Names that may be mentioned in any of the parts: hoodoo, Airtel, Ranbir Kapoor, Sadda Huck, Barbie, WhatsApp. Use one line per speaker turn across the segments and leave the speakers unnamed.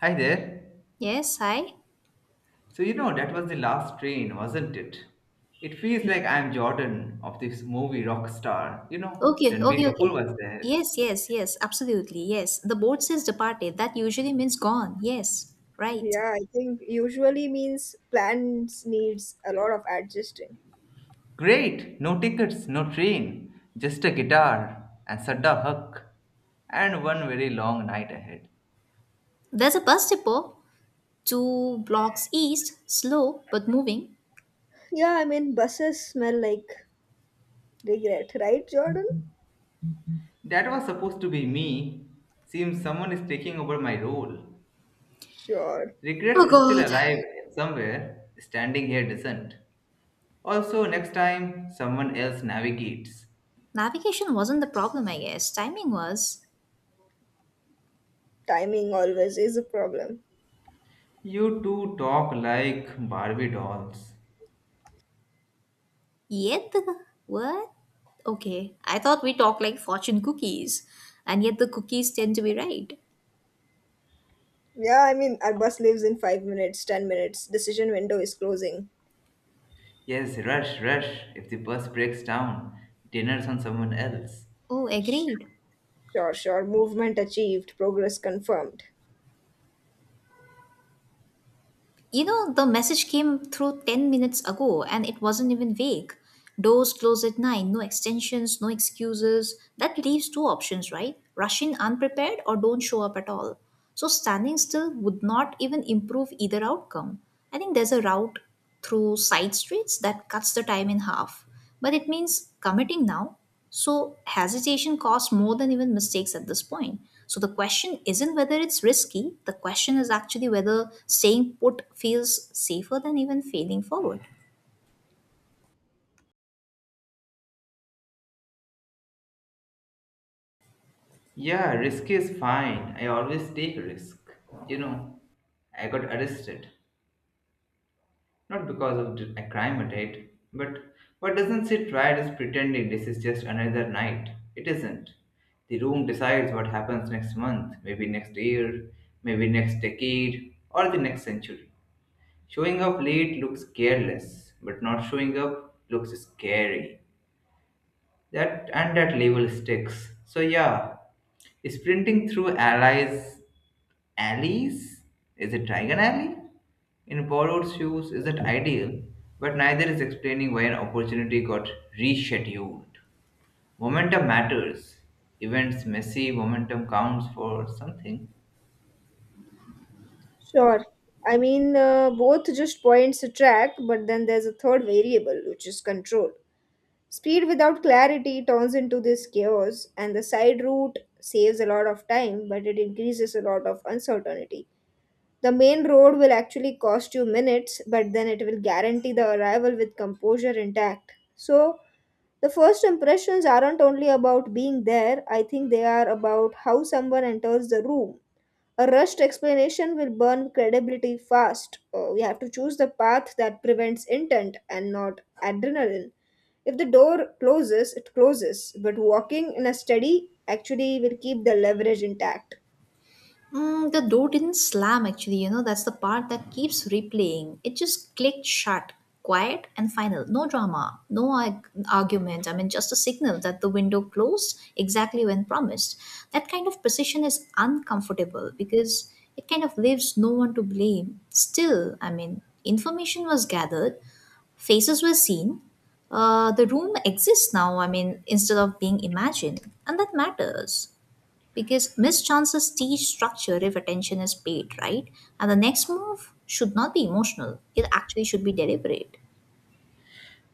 Hi there.
Yes, hi.
So, you know, that was the last train, wasn't it? It feels like I'm Jordan of this movie Rockstar. You know,
Okay,
Ranbir
okay,
Kapoor
okay.
was there.
Yes, yes, yes, absolutely. Yes. The boat says departed. That usually means gone. Yes, right.
Yeah, I think usually means plans needs a lot of adjusting.
Great! No tickets, no train, just a guitar and Sadda Huck, and one very long night ahead.
There's a bus depot two blocks east, slow but moving.
Yeah, I mean buses smell like regret, right, Jordan?
That was supposed to be me. Seems someone is taking over my role.
Sure.
Regrets
Oh
is still
God.
alive somewhere, standing here doesn't. Also, next time someone else navigates.
Navigation wasn't the problem, I guess. Timing was.
Timing always is a problem.
You two talk like Barbie dolls.
Yet the. What? Okay. I thought we talked like fortune cookies, and yet the cookies tend to be right.
Yeah, I mean our bus leaves in 5 minutes, 10 minutes. Decision window is closing.
Yes, rush, rush. If the bus breaks down, dinner's on someone else.
Oh, agreed.
Sure, sure. Movement achieved. Progress confirmed.
You know, the message came through 10 minutes ago, and it wasn't even vague. Doors close at 9, no extensions, no excuses. That leaves two options, right? Rush in unprepared or don't show up at all. So standing still would not even improve either outcome. I think there's a route through side streets that cuts the time in half. But it means committing now. So hesitation costs more than even mistakes at this point. So the question isn't whether it's risky, the question is actually whether staying put feels safer than even failing forward.
Yeah, risk is fine. I always take risk. You know, I got arrested. Not because of a crime I did, but what doesn't sit right is pretending this is just another night. It isn't. The room decides what happens next month, maybe next year, maybe next decade, or the next century. Showing up late looks careless, but not showing up looks scary. That and that label sticks. So yeah, sprinting through allies alleys, is it Dragon Alley? In borrowed shoes is it ideal, but neither is explaining why an opportunity got rescheduled. Momentum matters. Events messy, momentum counts for something.
Sure. I mean, both just points attract, but then there's a third variable, which is control. Speed without clarity turns into this chaos, and the side route saves a lot of time, but it increases a lot of uncertainty. The main road will actually cost you minutes, but then it will guarantee the arrival with composure intact. So, the first impressions aren't only about being there, I think they are about how someone enters the room. A rushed explanation will burn credibility fast. We have to choose the path that prevents intent and not adrenaline. If the door closes, it closes, but walking in a study actually will keep the leverage intact.
Mm, the door didn't slam actually, you know, that's the part that keeps replaying. It just clicked shut, quiet and final. No drama, no argument. I mean, just a signal that the window closed exactly when promised. That kind of precision is uncomfortable because it kind of leaves no one to blame. Still, I mean, information was gathered, faces were seen. The room exists now, I mean, instead of being imagined, and that matters because missed chances teach structure if attention is paid, right? And the next move should not be emotional, it actually should be deliberate.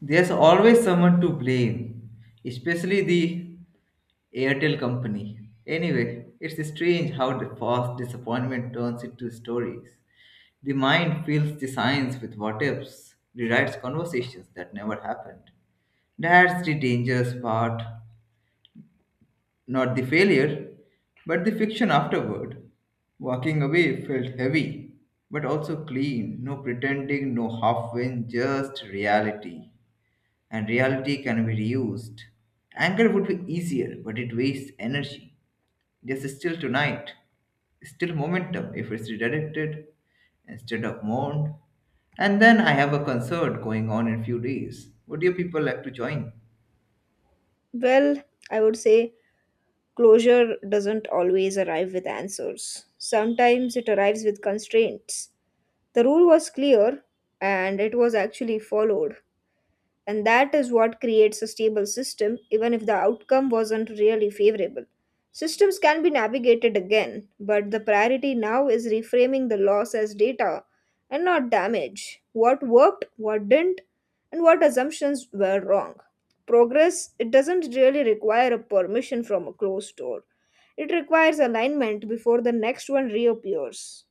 There's always someone to blame, especially the Airtel company. Anyway, it's strange how the fast disappointment turns into stories. The mind fills the science with what ifs, rewrites conversations that never happened. That's the dangerous part. Not the failure, but the fiction afterward. Walking away felt heavy, but also clean. No pretending, no half win, just reality, and reality can be reused. Anger would be easier, but it wastes energy. There's still tonight, still momentum if it's redirected instead of mourned. And then I have a concert going on in few days. Would you people like to join?
Well, I would say closure doesn't always arrive with answers. Sometimes it arrives with constraints. The rule was clear and it was actually followed. And that is what creates a stable system, even if the outcome wasn't really favorable. Systems can be navigated again, but the priority now is reframing the loss as data and not damage. What worked, what didn't, and what assumptions were wrong. Progress, it doesn't really require a permission from a closed door. It requires alignment before the next one reappears.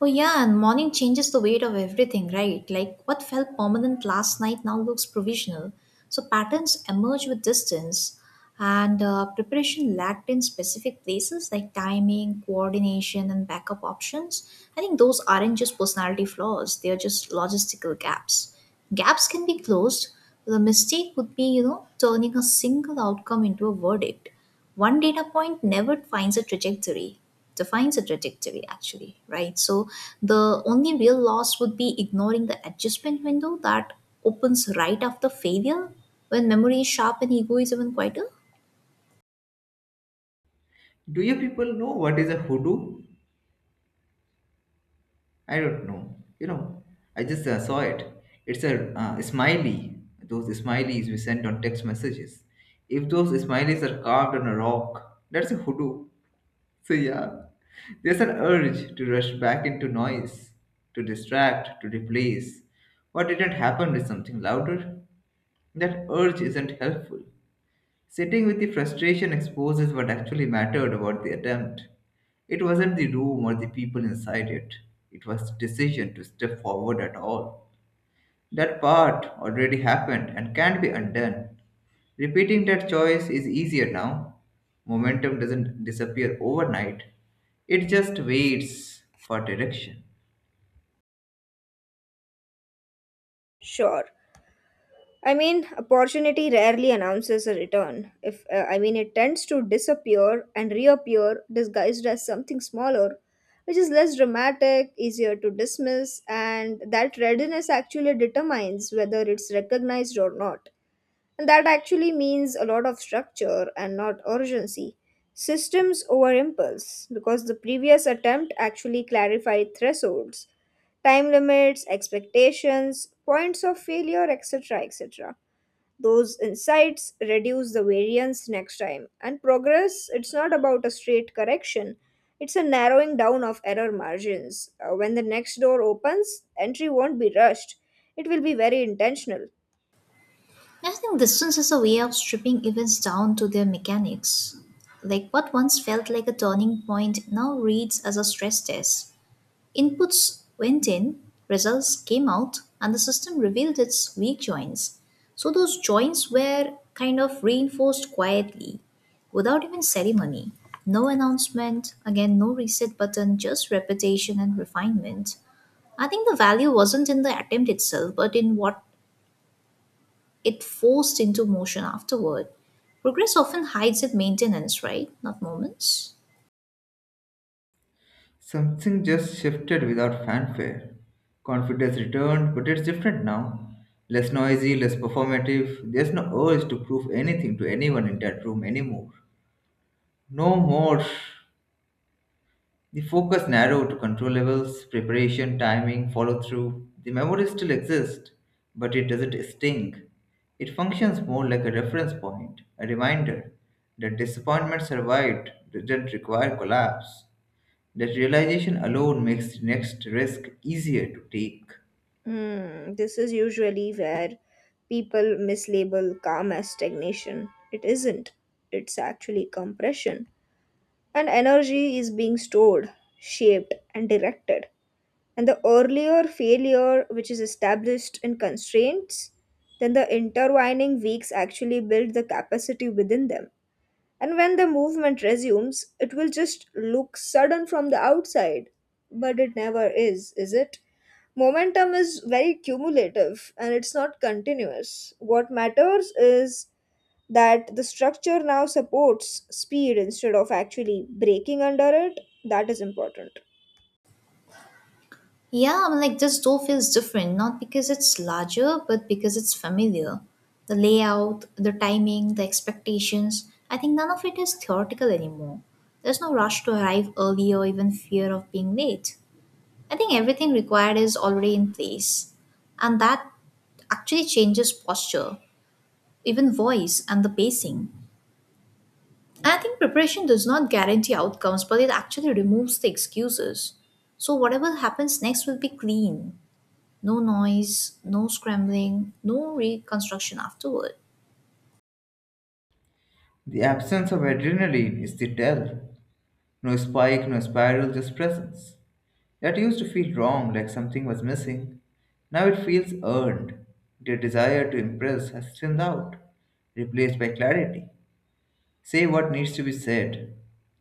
Oh, yeah, and morning changes the weight of everything, right? Like what felt permanent last night now looks provisional. So patterns emerge with distance, and preparation lacked in specific places like timing, coordination, and backup options. I think those aren't just personality flaws, they are just logistical gaps. Gaps can be closed. The mistake would be, you know, turning a single outcome into a verdict. One data point never finds a trajectory, defines a trajectory actually, right? So the only real loss would be ignoring the adjustment window that opens right after failure, when memory is sharp and ego is even quieter.
Do you people know what is a hoodoo? I don't know. You know, I just saw it. It's a smiley. Those smileys we sent on text messages. If those smileys are carved on a rock, that's a hoodoo. So, yeah, there's an urge to rush back into noise, to distract, to replace what didn't happen with something louder. That urge isn't helpful. Sitting with the frustration exposes what actually mattered about the attempt. It wasn't the room or the people inside it, it was the decision to step forward at all. That part already happened and can't be undone. Repeating that choice is easier now. Momentum doesn't disappear overnight, it just waits for direction.
Sure. I mean, opportunity rarely announces a return. If I mean, It tends to disappear and reappear disguised as something smaller, which is less dramatic, easier to dismiss, and that readiness actually determines whether it's recognized or not. And that actually means a lot of structure and not urgency. Systems over impulse, because the previous attempt actually clarified thresholds, time limits, expectations, points of failure, etc., etc. Those insights reduce the variance next time. And progress, it's not about a straight correction, it's a narrowing down of error margins. When the next door opens, entry won't be rushed, it will be very intentional.
I think distance is a way of stripping events down to their mechanics, like what once felt like a turning point now reads as a stress test. Inputs went in, results came out, and the system revealed its weak joints. So those joints were kind of reinforced quietly, without even ceremony. No announcement, again, no reset button, just repetition and refinement. I think the value wasn't in the attempt itself, but in what it forced into motion afterward. Progress often hides its maintenance, right? Not moments.
Something just shifted without fanfare. Confidence returned, but it's different now. Less noisy, less performative. There's no urge to prove anything to anyone in that room anymore. No more. The focus narrowed to control levels, preparation, timing, follow through. The memory still exists, but it doesn't sting. It functions more like a reference point, a reminder that disappointment survived, didn't require collapse. That realization alone makes the next risk easier to take.
Hmm, this is usually where people mislabel calm as stagnation. It isn't, it's actually compression. And energy is being stored, shaped, and directed. And the earlier failure, which is established in constraints, then the intertwining weeks actually build the capacity within them. And when the movement resumes, it will just look sudden from the outside, but it never is, is it? Momentum is very cumulative and it's not continuous. What matters is that the structure now supports speed instead of actually breaking under it. That is important.
Yeah, I'm like this door feels different, not because it's larger, but because it's familiar. The layout, the timing, the expectations, I think none of it is theoretical anymore. There's no rush to arrive early or even fear of being late. I think everything required is already in place. And that actually changes posture, even voice, and the pacing. And I think preparation does not guarantee outcomes, but it actually removes the excuses. So whatever happens next will be clean, no noise, no scrambling, no reconstruction afterward.
The absence of adrenaline is the tell. No spike, no spiral, just presence. That used to feel wrong, like something was missing. Now it feels earned. Their desire to impress has thinned out, replaced by clarity. Say what needs to be said.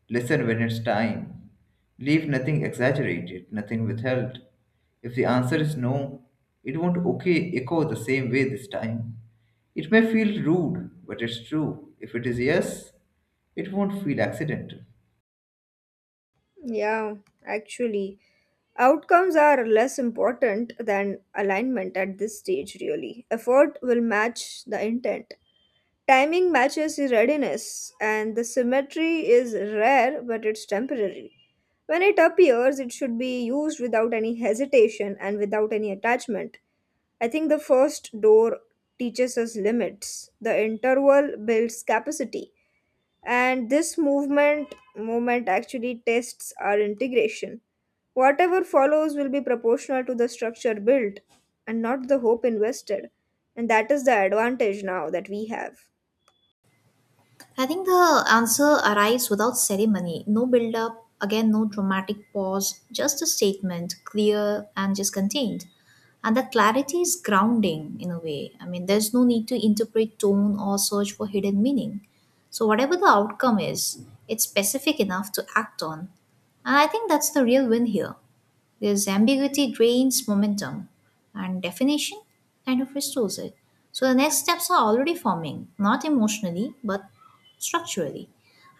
Listen when it's time. Leave nothing exaggerated, nothing withheld. If the answer is no, it won't okay echo the same way this time. It may feel rude, but it's true. If it is yes, it won't feel accidental.
Yeah, actually, outcomes are less important than alignment at this stage, really. Effort will match the intent. Timing matches the readiness, and the symmetry is rare but it's temporary. When it appears, it should be used without any hesitation and without any attachment. I think the first door teaches us limits, the interval builds capacity, and this movement actually tests our integration. Whatever follows will be proportional to the structure built and not the hope invested, and that is the advantage now that we have.
I think the answer arrives without ceremony, no build up, again, no dramatic pause, just a statement, clear and just contained. And that clarity is grounding in a way. I mean, there's no need to interpret tone or search for hidden meaning. So, whatever the outcome is, it's specific enough to act on. And I think that's the real win here. This ambiguity drains momentum and definition kind of restores it. So the next steps are already forming, not emotionally, but structurally.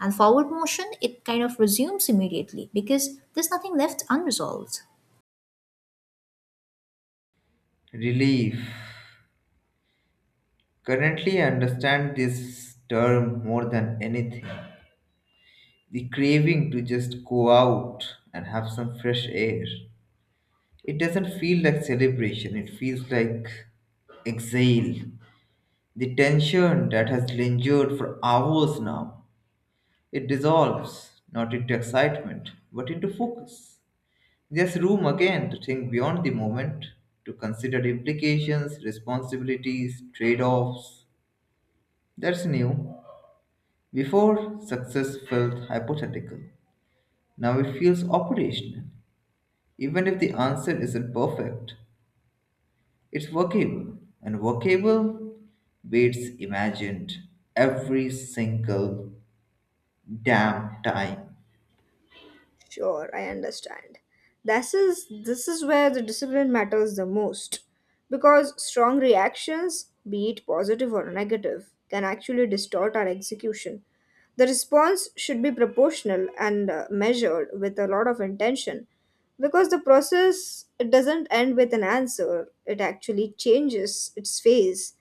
And forward motion, it kind of resumes immediately because there's nothing left unresolved.
Relief. Currently, I understand this term more than anything. The craving to just go out and have some fresh air. It doesn't feel like celebration, it feels like exhale. The tension that has lingered for hours now, it dissolves, not into excitement, but into focus. There's room again to think beyond the moment, to consider implications, responsibilities, trade offs. That's new. Before, success felt hypothetical. Now it feels operational. Even if the answer isn't perfect, it's workable. And workable beats imagined every single damn time.
Sure, I understand. This is where the discipline matters the most, because strong reactions, be it positive or negative, can actually distort our execution. The response should be proportional and measured with a lot of intention, because the process, it doesn't end with an answer, it actually changes its phase.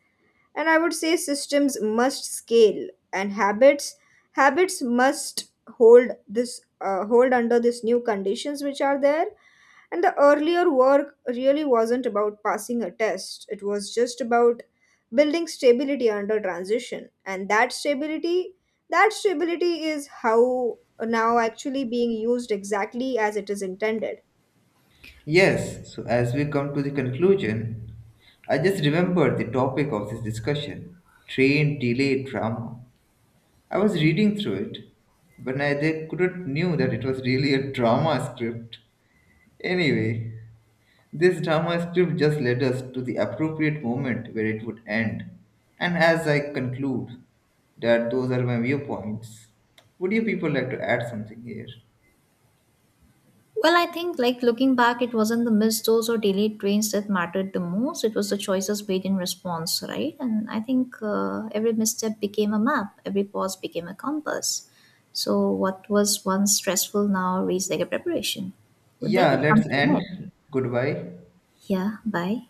And I would say systems must scale, and habits, habits must hold this hold under these new conditions which are there. And the earlier work really wasn't about passing a test, it was just about building stability under transition, and that stability is how now actually being used exactly as it is intended.
Yes, so as we come to the conclusion, I just remembered the topic of this discussion, train delay drama. I was reading through it, but I they couldn't knew that it was really a drama script. Anyway, this drama script just led us to the appropriate moment where it would end. And as I conclude, that those are my viewpoints. Would you people like to add something here?
Well, I think like looking back, it wasn't the missed those or delayed trains that mattered the most. It was the choices made in response, right? And I think every misstep became a map, every pause became a compass. So what was once stressful now reads like a preparation. With that,
Yeah,
it
let's
comes to an
end.
end.
Goodbye.
Yeah, bye.